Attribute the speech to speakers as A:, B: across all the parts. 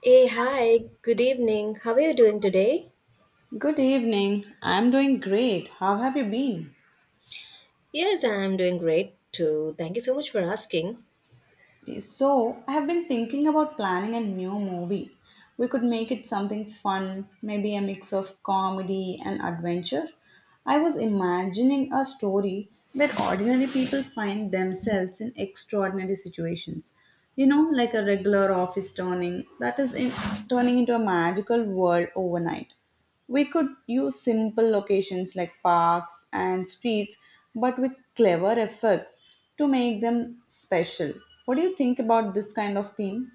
A: Hey, hi, good evening. How are you doing today?
B: Good evening. I'm doing great. How have you been?
A: Yes, I'm doing great too. Thank you so much for asking.
B: So, I have been thinking about planning a new movie. We could make it something fun, maybe a mix of comedy and adventure. I was imagining a story where ordinary people find themselves in extraordinary situations. You know, like a regular office turning that is in, turning into a magical world overnight. We could use simple locations like parks and streets, but with clever effects to make them special. What do you think about this kind of theme?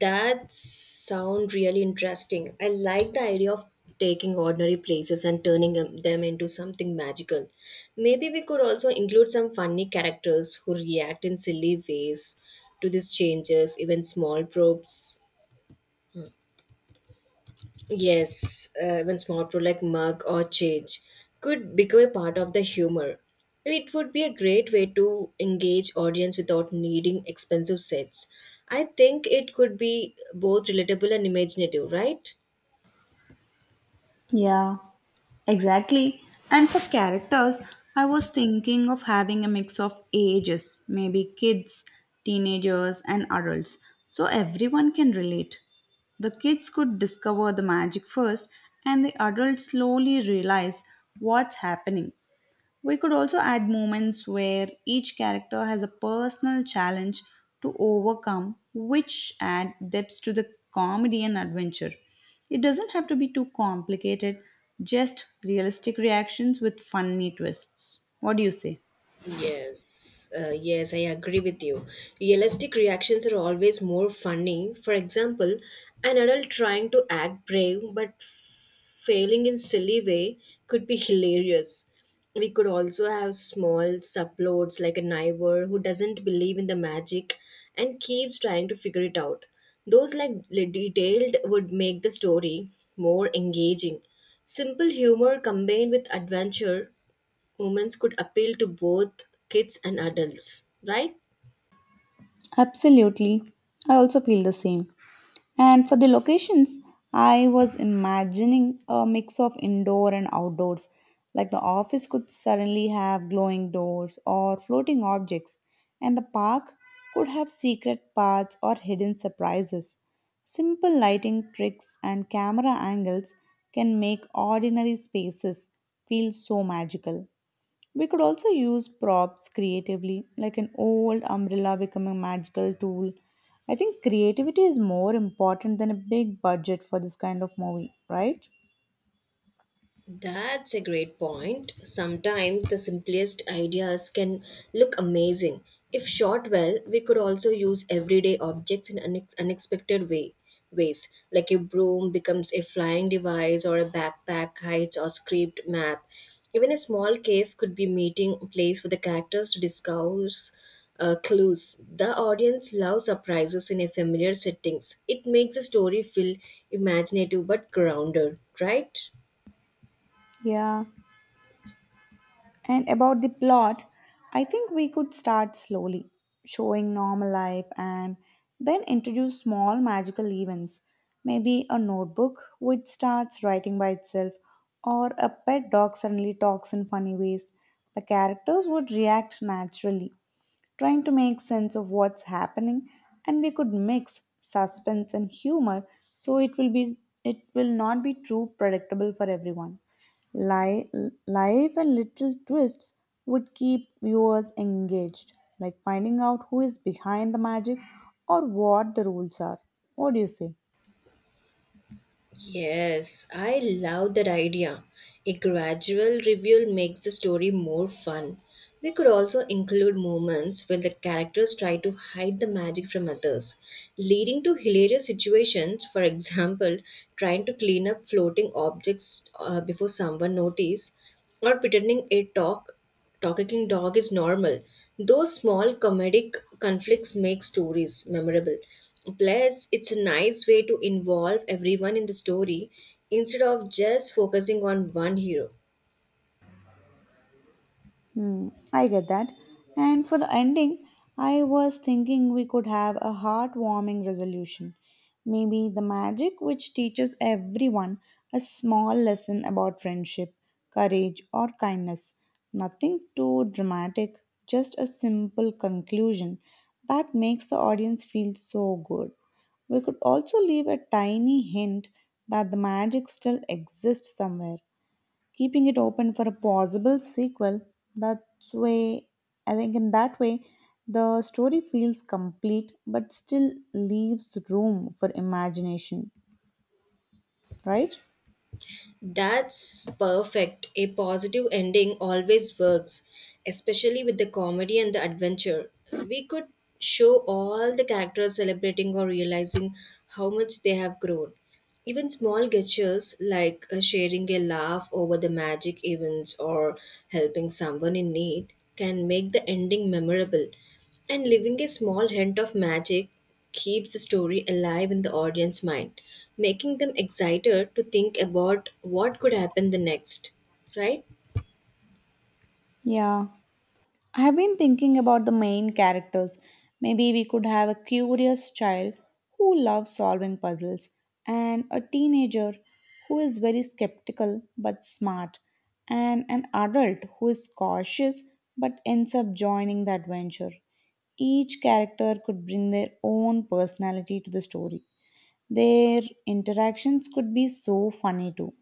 A: That sound really interesting. I like the idea of taking ordinary places and turning them into something magical. Maybe we could also include some funny characters who react in silly ways to these changes, even small probes. Yes, even small pro like mug or change could become a part of the humor. It would be a great way to engage audience without needing expensive sets. I think it could be both relatable and imaginative, right?
B: Yeah, exactly. And for characters, I was thinking of having a mix of ages, maybe kids, teenagers, and adults, so everyone can relate. The kids could discover the magic first, and the adults slowly realize what's happening. We could also add moments where each character has a personal challenge to overcome, which add depth to the comedy and adventure. It doesn't have to be too complicated, just realistic reactions with funny twists. What do you say?
A: Yes, I agree with you. Realistic reactions are always more funny. For example, an adult trying to act brave but failing in silly way could be hilarious. We could also have small subplots like a neighbor who doesn't believe in the magic and keeps trying to figure it out. Detailed would make the story more engaging. Simple humor combined with adventure moments could appeal to both kids and adults, right?
B: Absolutely. I also feel the same. And for the locations, I was imagining a mix of indoor and outdoors. Like the office could suddenly have glowing doors or floating objects, and the park could have secret paths or hidden surprises. Simple lighting tricks and camera angles can make ordinary spaces feel so magical. We could also use props creatively, like an old umbrella becoming a magical tool. I think creativity is more important than a big budget for this kind of movie, right?
A: That's a great point. Sometimes the simplest ideas can look amazing. If shot well, we could also use everyday objects in unexpected ways. Like a broom becomes a flying device or a backpack hides or script map. Even a small cave could be meeting place for the characters to discuss clues. The audience loves surprises in a familiar settings. It makes the story feel imaginative but grounded, right?
B: Yeah. And about the plot, I think we could start slowly, showing normal life and then introduce small magical events. Maybe a notebook which starts writing by itself, or a pet dog suddenly talks in funny ways. The characters would react naturally, trying to make sense of what's happening, and we could mix suspense and humor so it will not be too predictable for everyone. Li- Life and little twists would keep viewers engaged, like finding out who is behind the magic or what the rules are. What do you say?
A: Yes, I love that idea. A gradual reveal makes the story more fun. We could also include moments where the characters try to hide the magic from others, leading to hilarious situations, for example, trying to clean up floating objects before someone notices, or pretending a talking dog is normal. Those small comedic conflicts make stories memorable. Plus, it's a nice way to involve everyone in the story instead of just focusing on one hero.
B: Hmm, I get that. And for the ending, I was thinking we could have a heartwarming resolution. Maybe the magic which teaches everyone a small lesson about friendship, courage, or kindness. Nothing too dramatic, just a simple conclusion that makes the audience feel so good. We could also leave a tiny hint that the magic still exists somewhere, keeping it open for a possible sequel. That's way I think in that way the story feels complete but still leaves room for imagination, right?
A: That's perfect. A positive ending always works, especially with the comedy and the adventure. We could show all the characters celebrating or realizing how much they have grown. Even small gestures like sharing a laugh over the magic events, or helping someone in need, can make the ending memorable. And leaving a small hint of magic keeps the story alive in the audience mind, making them excited to think about what could happen the next, right?
B: Yeah. I have been thinking about the main characters. Maybe we could have a curious child who loves solving puzzles, and a teenager who is very skeptical but smart, and an adult who is cautious but ends up joining the adventure. Each character could bring their own personality to the story. Their interactions could be so funny too,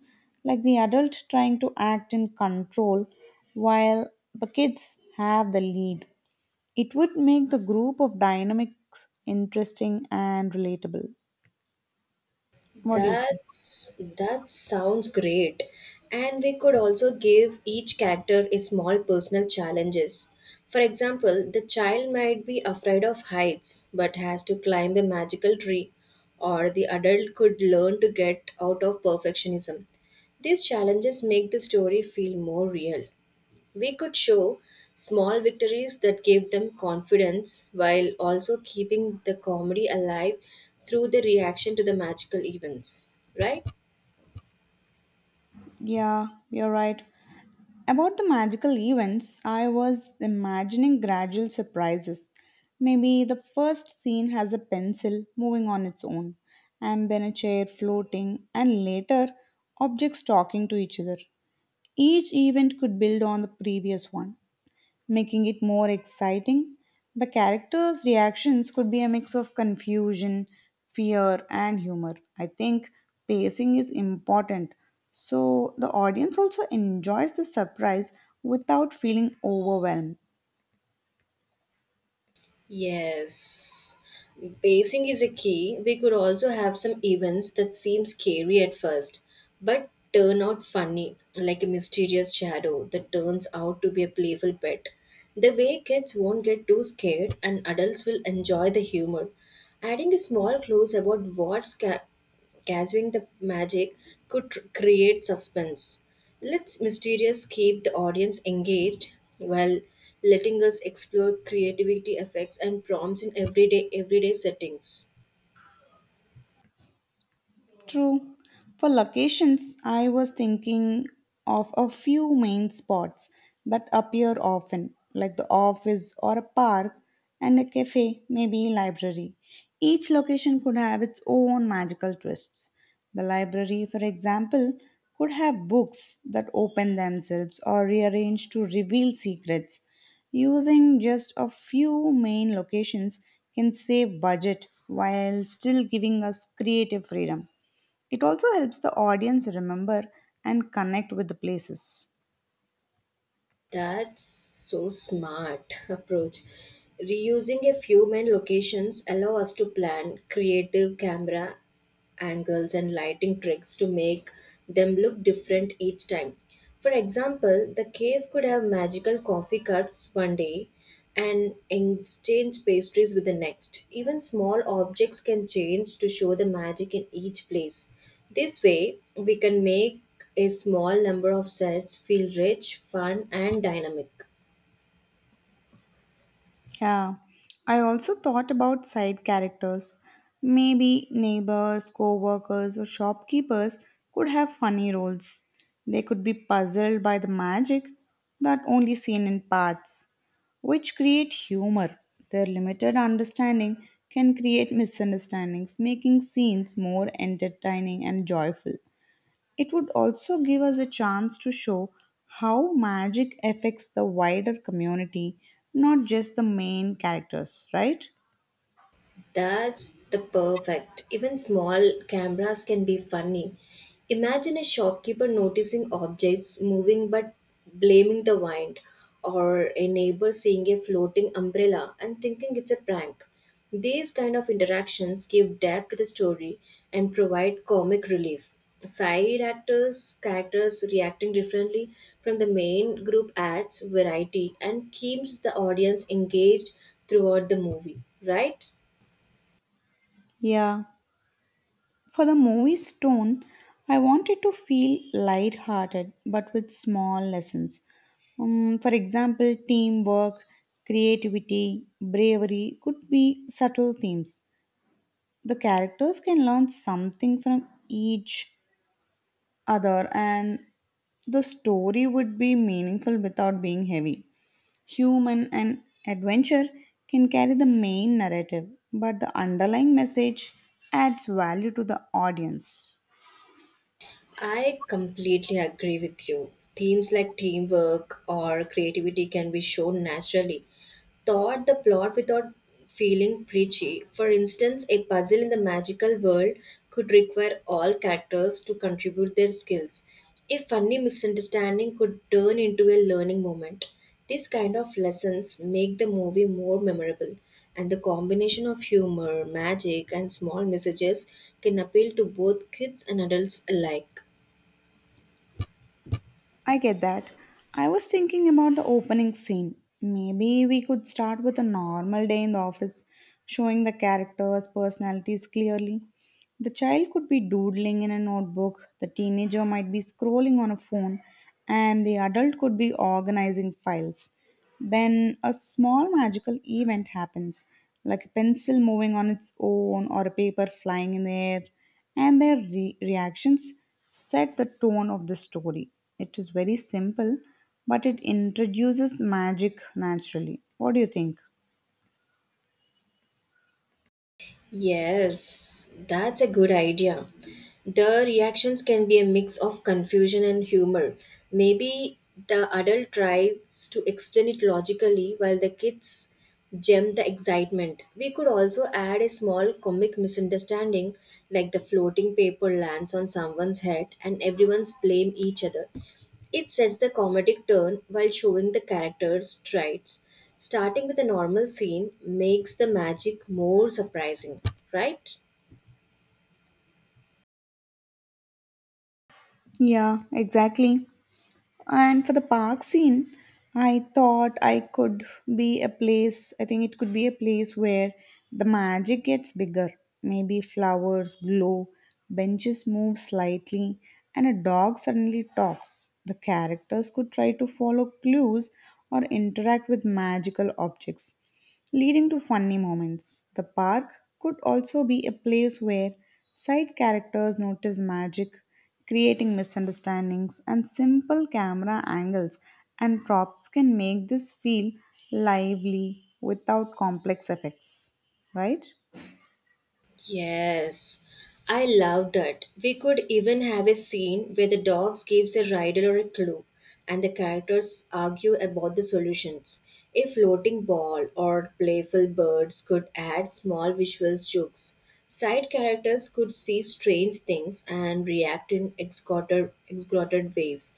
B: like the adult trying to act in control while the kids have the lead. It would make the group of dynamics interesting and relatable. What do you think?
A: That's that sounds great. And we could also give each character a small personal challenges. For example, the child might be afraid of heights but has to climb a magical tree, or the adult could learn to get out of perfectionism. These challenges make the story feel more real. We could show small victories that gave them confidence while also keeping the comedy alive through the reaction to the magical events, right?
B: Yeah, you're right. About the magical events, I was imagining gradual surprises. Maybe the first scene has a pencil moving on its own, and then a chair floating, and later objects talking to each other. Each event could build on the previous one, making it more exciting. The characters' reactions could be a mix of confusion, fear, and humor. I think pacing is important so the audience also enjoys the surprise without feeling overwhelmed.
A: Yes. Pacing is a key. We could also have some events that seem scary at first, but turn out funny, like a mysterious shadow that turns out to be a playful pet. The way kids won't get too scared and adults will enjoy the humor. Adding a small clues about what gathering the magic could create suspense. Let's mysterious keep the audience engaged while letting us explore creativity effects and prompts in everyday settings.
B: True. For locations, I was thinking of a few main spots that appear often, like the office or a park and a cafe, maybe library. Each location could have its own magical twists. The library, for example, could have books that open themselves or rearrange to reveal secrets. Using just a few main locations can save budget while still giving us creative freedom. It also helps the audience remember and connect with the places.
A: That's so smart approach. Reusing a few main locations allow us to plan creative camera angles and lighting tricks to make them look different each time. For example, the cave could have magical coffee cups one day and exchange pastries with the next. Even small objects can change to show the magic in each place. This way, we can make a small number of sets feel rich, fun, and dynamic.
B: Yeah, I also thought about side characters. Maybe neighbors, co workers, or shopkeepers could have funny roles. They could be puzzled by the magic that only seen in parts, which create humor. Their limited understanding can create misunderstandings, making scenes more entertaining and joyful. It would also give us a chance to show how magic affects the wider community, not just the main characters, right?
A: That's the perfect. Even small cameras can be funny. Imagine a shopkeeper noticing objects moving but blaming the wind, or a neighbor seeing a floating umbrella and thinking it's a prank. These kind of interactions give depth to the story and provide comic relief. Side actors, characters reacting differently from the main group adds variety and keeps the audience engaged throughout the movie, right?
B: Yeah. For the movie's tone, I wanted to feel light-hearted but with small lessons. For example, teamwork, creativity, bravery could be subtle themes. The characters can learn something from each other, and the story would be meaningful without being heavy. Human and adventure can carry the main narrative, but the underlying message adds value to the audience.
A: I completely agree with you. Themes like teamwork or creativity can be shown naturally. Thought the plot without feeling preachy. For instance, a puzzle in the magical world could require all characters to contribute their skills. A funny misunderstanding could turn into a learning moment. These kind of lessons make the movie more memorable, and the combination of humor, magic, and small messages can appeal to both kids and adults alike.
B: I get that. I was thinking about the opening scene. Maybe we could start with a normal day in the office, showing the characters' personalities clearly. The child could be doodling in a notebook, the teenager might be scrolling on a phone, and the adult could be organizing files. Then a small magical event happens, like a pencil moving on its own or a paper flying in the air, and their reactions set the tone of the story. It is very simple, but it introduces magic naturally. What do you think?
A: Yes, that's a good idea. The reactions can be a mix of confusion and humor. Maybe the adult tries to explain it logically while the kids gem the excitement. We could also add a small comic misunderstanding, like the floating paper lands on someone's head and everyone's blame each other. It sets the comedic turn while showing the characters' traits. Starting with a normal scene makes the magic more surprising, right?
B: Yeah, exactly. And for the park scene, I thought I could be a place, I think it could be a place where the magic gets bigger. Maybe flowers glow, benches move slightly, and a dog suddenly talks. The characters could try to follow clues or interact with magical objects, leading to funny moments. The park could also be a place where side characters notice magic, creating misunderstandings, and simple camera angles and props can make this feel lively without complex effects. Right?
A: Yes, I love that. We could even have a scene where the dogs gives a riddle or a clue, and the characters argue about the solutions. A floating ball or playful birds could add small visual jokes. Side characters could see strange things and react in exaggerated ways,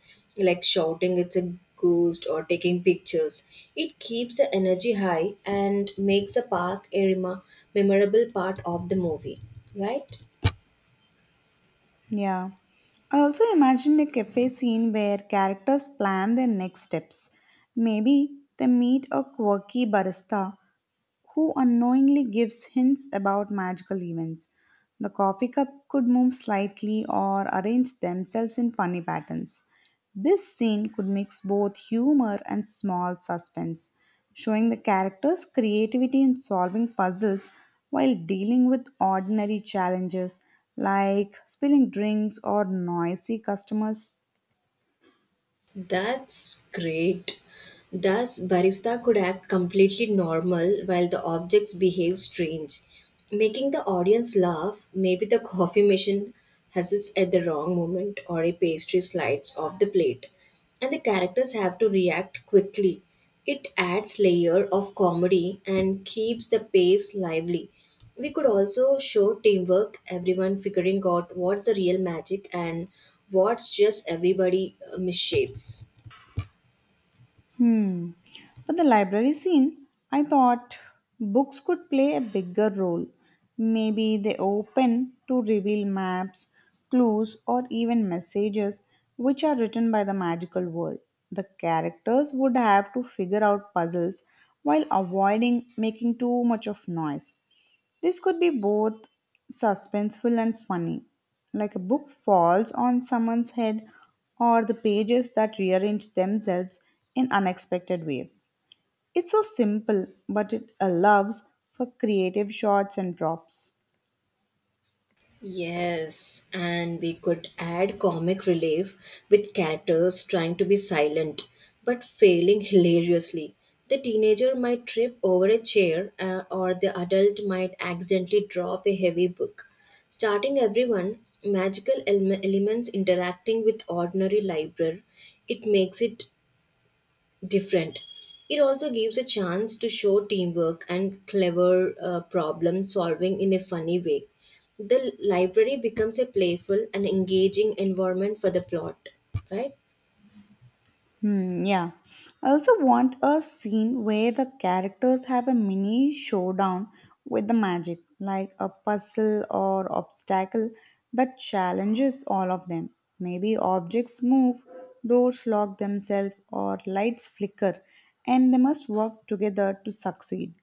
A: like shouting "It's a ghosts," or taking pictures. It keeps the energy high and makes the park a memorable part of the movie, right?
B: Yeah. I also imagined a cafe scene where characters plan their next steps. Maybe they meet a quirky barista who unknowingly gives hints about magical events. The coffee cup could move slightly or arrange themselves in funny patterns. This scene could mix both humor and small suspense, showing the characters' creativity in solving puzzles while dealing with ordinary challenges like spilling drinks or noisy customers.
A: That's great. Thus, barista could act completely normal while the objects behave strange, making the audience laugh. Maybe the coffee machine huzzes at the wrong moment, or a pastry slides off the plate, and the characters have to react quickly. It adds layer of comedy and keeps the pace lively. We could also show teamwork, everyone figuring out what's the real magic and what's just everybody misshapes.
B: Hmm. For the library scene, I thought books could play a bigger role. Maybe they open to reveal maps, clues, or even messages which are written by the magical world. The characters would have to figure out puzzles while avoiding making too much of noise. This could be both suspenseful and funny. Like a book falls on someone's head or the pages that rearrange themselves in unexpected ways. It's so simple, but it allows for creative shots and drops.
A: Yes, and we could add comic relief with characters trying to be silent but failing hilariously. The teenager might trip over a chair, or the adult might accidentally drop a heavy book. Starting everyone, magical elements interacting with ordinary library, it makes it different. It also gives a chance to show teamwork and clever problem solving in a funny way. The library becomes a playful and engaging environment for the plot, right?
B: Hmm, yeah. I also want a scene where the characters have a mini showdown with the magic, like a puzzle or obstacle that challenges all of them. Maybe objects move, doors lock themselves, or lights flicker, and they must work together to succeed.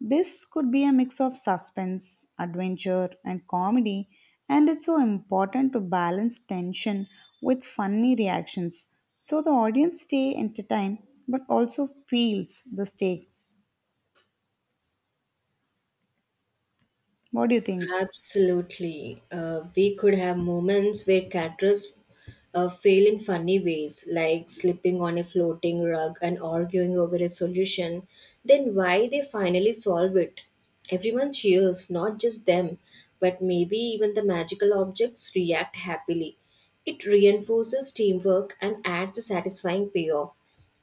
B: This could be a mix of suspense, adventure, and comedy, and it's so important to balance tension with funny reactions so the audience stay entertained but also feels the stakes. What do you think?
A: Absolutely. We could have moments where caterers fail in funny ways, like slipping on a floating rug and arguing over a solution. Then why they finally solve it? Everyone cheers, not just them, but maybe even the magical objects react happily. It reinforces teamwork and adds a satisfying payoff.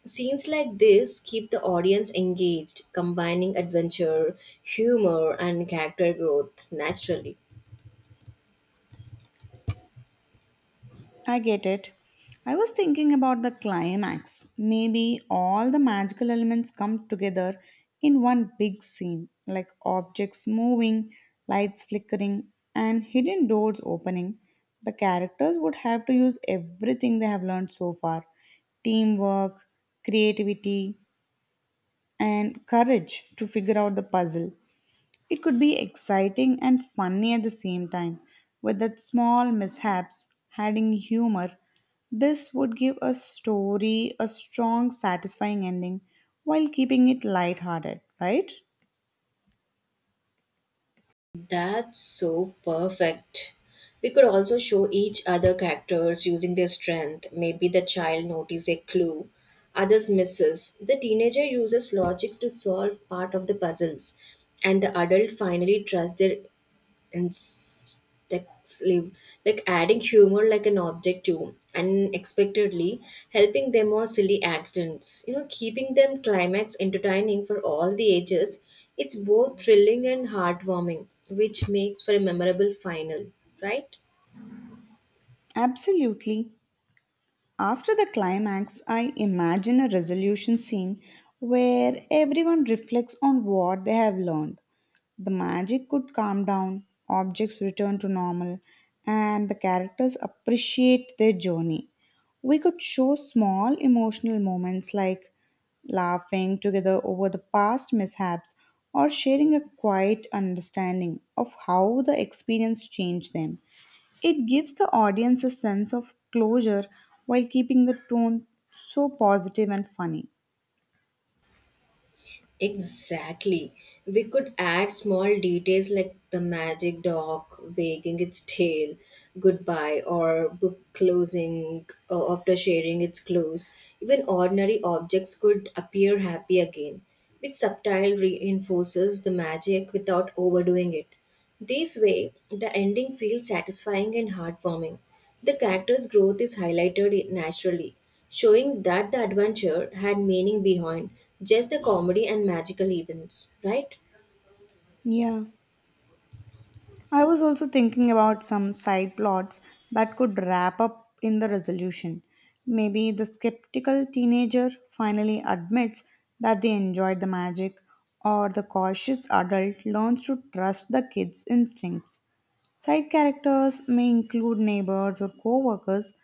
A: Scenes like this keep the audience engaged, combining adventure, humor, and character growth naturally.
B: I get it. I was thinking about the climax. Maybe all the magical elements come together in one big scene, like objects moving, lights flickering, and hidden doors opening. The characters would have to use everything they have learned so far: teamwork, creativity, and courage to figure out the puzzle. It could be exciting and funny at the same time. With that small mishaps, adding humor, this would give a story a strong, satisfying ending while keeping it lighthearted, right?
A: That's so perfect. We could also show each other characters using their strength. Maybe the child notices a clue, others misses. The teenager uses logic to solve part of the puzzles, and the adult finally trusts their and sticks lived, like adding humor like an object to unexpectedly helping them or silly accidents, keeping them climax entertaining for all the ages. It's both thrilling and heartwarming, which makes for a memorable final, right?
B: Absolutely. After the climax, I imagine a resolution scene where everyone reflects on what they have learned. The magic could calm down, objects return to normal, and the characters appreciate their journey. We could show small emotional moments like laughing together over the past mishaps or sharing a quiet understanding of how the experience changed them. It gives the audience a sense of closure while keeping the tone so positive and funny.
A: Exactly. We could add small details like the magic dog wagging its tail goodbye, or book closing after sharing its close. Even ordinary objects could appear happy again, which subtile reinforces the magic without overdoing it. This way, the ending feels satisfying and heartwarming. The character's growth is highlighted naturally, showing that the adventure had meaning behind just the comedy and magical events, right?
B: Yeah. I was also thinking about some side plots that could wrap up in the resolution. Maybe the skeptical teenager finally admits that they enjoyed the magic, or the cautious adult learns to trust the kid's instincts. Side characters may include neighbors or coworkers,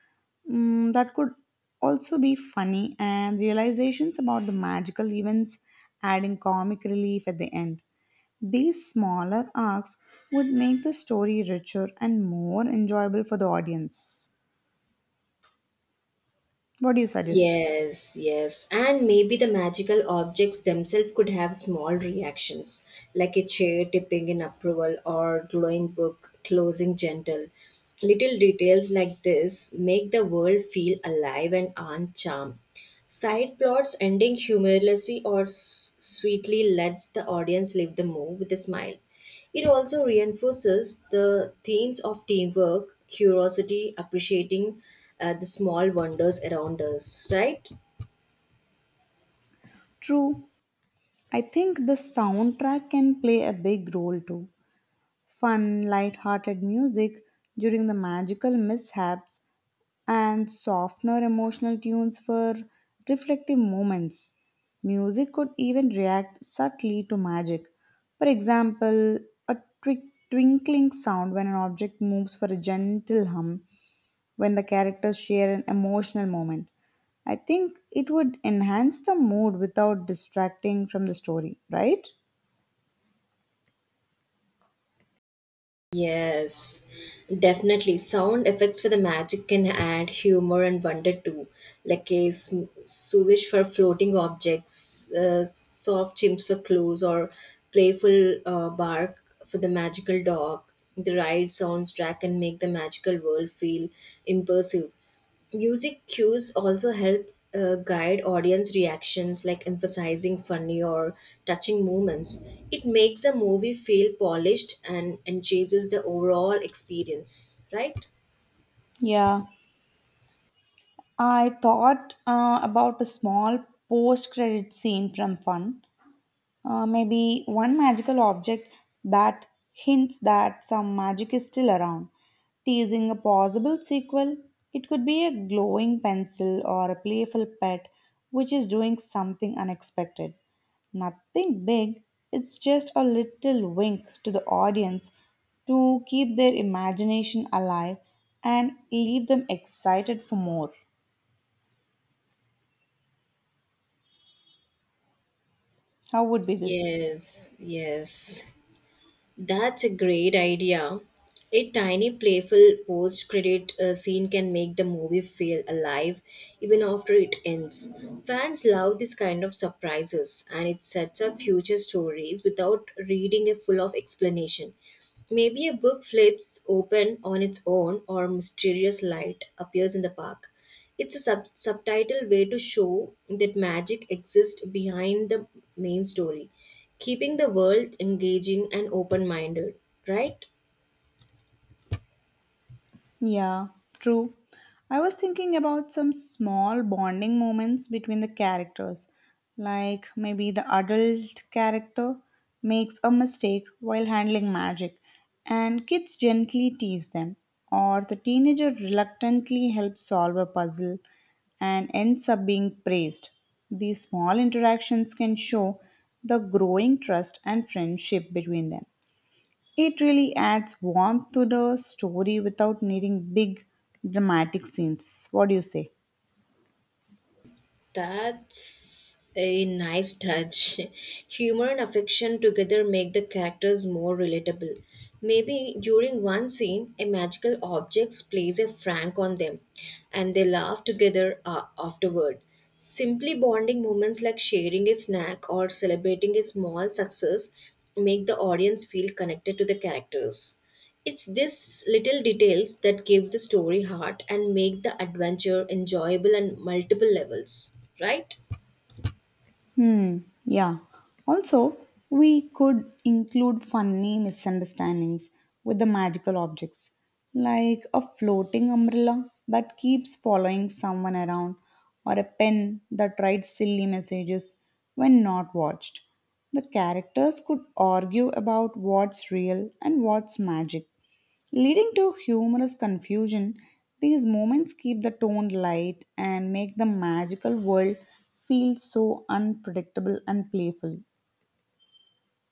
B: that could also be funny, and realizations about the magical events adding comic relief at the end. These smaller arcs would make the story richer and more enjoyable for the audience. What do you suggest?
A: Yes, yes. And maybe the magical objects themselves could have small reactions, like a chair tipping in approval or glowing book closing gentle. Little details like this make the world feel alive and on charm. Side plots ending humorously or sweetly lets the audience leave the move with a smile. It also reinforces the themes of teamwork, curiosity, appreciating the small wonders around us, right?
B: True, I think the soundtrack can play a big role too. Fun, light-hearted music during the magical mishaps and softener emotional tunes for reflective moments. Music could even react subtly to magic. For example, a twi- twinkling sound when an object moves for a gentle hum when the characters share an emotional moment. I think it would enhance the mood without distracting from the story, right?
A: Yes, definitely. Sound effects for the magic can add humor and wonder too, like a swish for floating objects, soft chimps for clues, or playful bark for the magical dog. The ride soundtrack can make the magical world feel immersive. Music cues also help guide audience reactions, like emphasizing funny or touching moments. It makes the movie feel polished and enhances the overall experience, right?
B: Yeah, I thought about a small post credit scene from Fun. Maybe one magical object that hints that some magic is still around, teasing a possible sequel. It could be a glowing pencil or a playful pet which is doing something unexpected. Nothing big, it's just a little wink to the audience to keep their imagination alive and leave them excited for more. How would be this?
A: Yes, yes. That's a great idea. A tiny, playful post credit scene can make the movie feel alive even after it ends. Fans love this kind of surprises, and it sets up future stories without reading a full of explanation. Maybe a book flips open on its own, or mysterious light appears in the park. It's a subtitle way to show that magic exists behind the main story, keeping the world engaging and open minded, right?
B: Yeah, true. I was thinking about some small bonding moments between the characters. Like maybe the adult character makes a mistake while handling magic, and kids gently tease them, or the teenager reluctantly helps solve a puzzle and ends up being praised. These small interactions can show the growing trust and friendship between them. It really adds warmth to the story without needing big dramatic scenes. What do you say?
A: That's a nice touch. Humor and affection together make the characters more relatable. Maybe during one scene, a magical object plays a prank on them and they laugh together afterward. Simply bonding moments like sharing a snack or celebrating a small success make the audience feel connected to the characters. It's these little details that gives the story heart and make the adventure enjoyable on multiple levels, right?
B: Hmm, yeah. Also, we could include funny misunderstandings with the magical objects, like a floating umbrella that keeps following someone around, or a pen that writes silly messages when not watched. The characters could argue about what's real and what's magic, leading to humorous confusion. These moments keep the tone light and make the magical world feel so unpredictable and playful.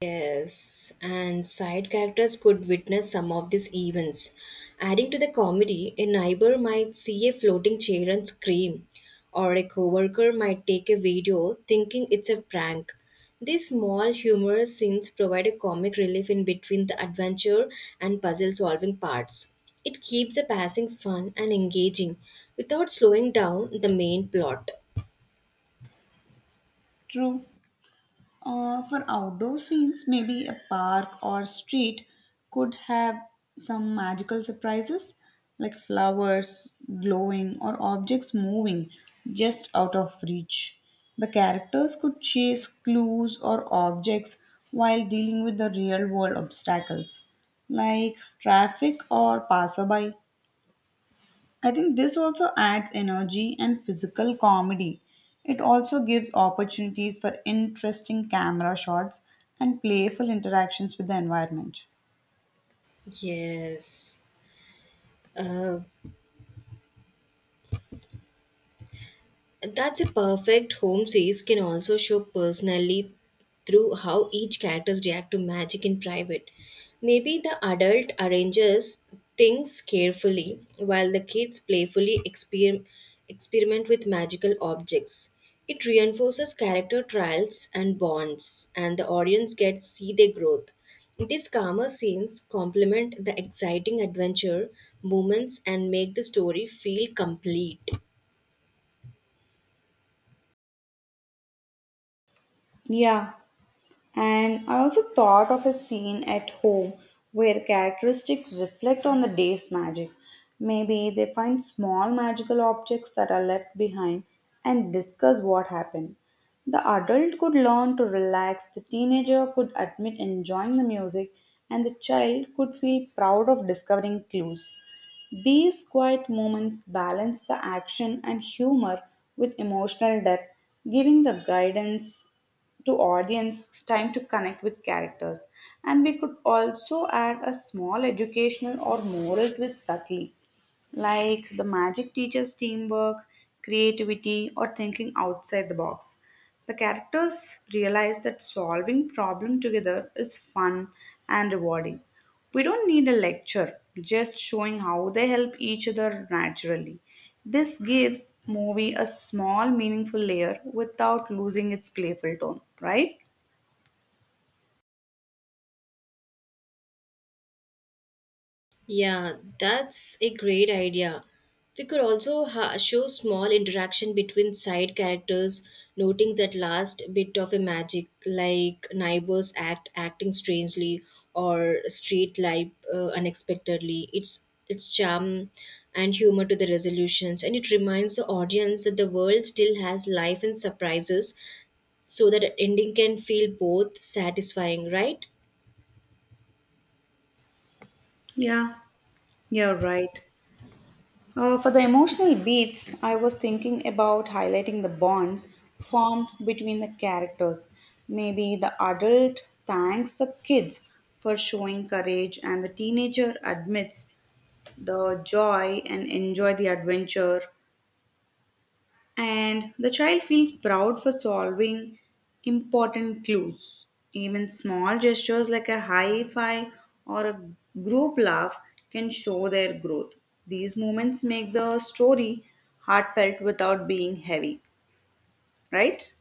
A: Yes, and side characters could witness some of these events. Adding to the comedy, a neighbor might see a floating chair and scream, or a coworker might take a video thinking it's a prank. These small humorous scenes provide a comic relief in between the adventure and puzzle solving parts. It keeps the passing fun and engaging without slowing down the main plot.
B: True. For outdoor scenes, maybe a park or street could have some magical surprises like flowers glowing or objects moving just out of reach. The characters could chase clues or objects while dealing with the real world obstacles like traffic or passerby. I think this also adds energy and physical comedy. It also gives opportunities for interesting camera shots and playful interactions with the environment.
A: Yes. uh. That's a perfect. Home scenes can also show personally through how each characters react to magic in private. Maybe the adult arranges things carefully while the kids playfully experiment with magical objects. It reinforces character trials and bonds, and the audience gets see their growth. These calmer scenes complement the exciting adventure moments and make the story feel complete.
B: Yeah, and I also thought of a scene at home where characteristics reflect on the day's magic. Maybe they find small magical objects that are left behind and discuss what happened. The adult could learn to relax, the teenager could admit enjoying the music, and the child could feel proud of discovering clues. These quiet moments balance the action and humor with emotional depth, giving the guidance to audience time to connect with characters. And we could also add a small educational or moral twist subtly, like the magic teaches teamwork, creativity, or thinking outside the box. The characters realize that solving problem together is fun and rewarding. We don't need a lecture, just showing how they help each other naturally. This gives movie a small meaningful layer without losing its playful tone, right?
A: Yeah, that's a great idea. We could also show small interaction between side characters, noting that last bit of a magic, like neighbors acting strangely or street life unexpectedly. It's its charm and humor to the resolutions, and it reminds the audience that the world still has life and surprises, so that ending can feel both satisfying, right?
B: Yeah, you're right. For the emotional beats, I was thinking about highlighting the bonds formed between the characters. Maybe the adult thanks the kids for showing courage, and the teenager admits the joy and enjoy the adventure, and the child feels proud for solving important clues. Even small gestures like a high five or a group laugh can show their growth. These moments make the story heartfelt without being heavy, right?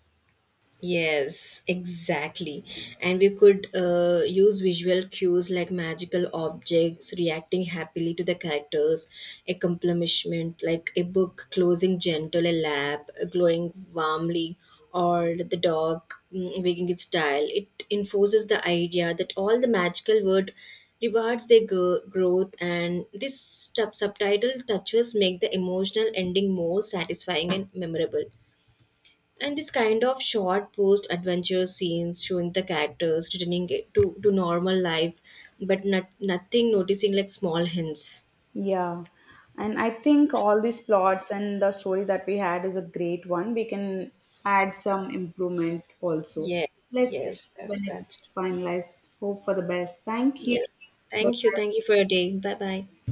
A: Yes, exactly. And we could use visual cues like magical objects reacting happily to the characters, a accomplishment like a book closing gentle, a lamp glowing warmly, or the dog wagging its tail. It enforces the idea that all the magical word rewards their growth, and this subtitle touches make the emotional ending more satisfying and memorable. And this kind of short post adventure scenes showing the characters returning it to normal life, but nothing noticing like small hints.
B: Yeah. And I think all these plots and the story that we had is a great one. We can add some improvement also.
A: Yeah,
B: Let's,
A: yes, that's,
B: when it
A: that's
B: gets finalized, hope for the best. Thank
A: yeah.
B: you. Bye-bye.
A: Thank you for your day. Bye bye.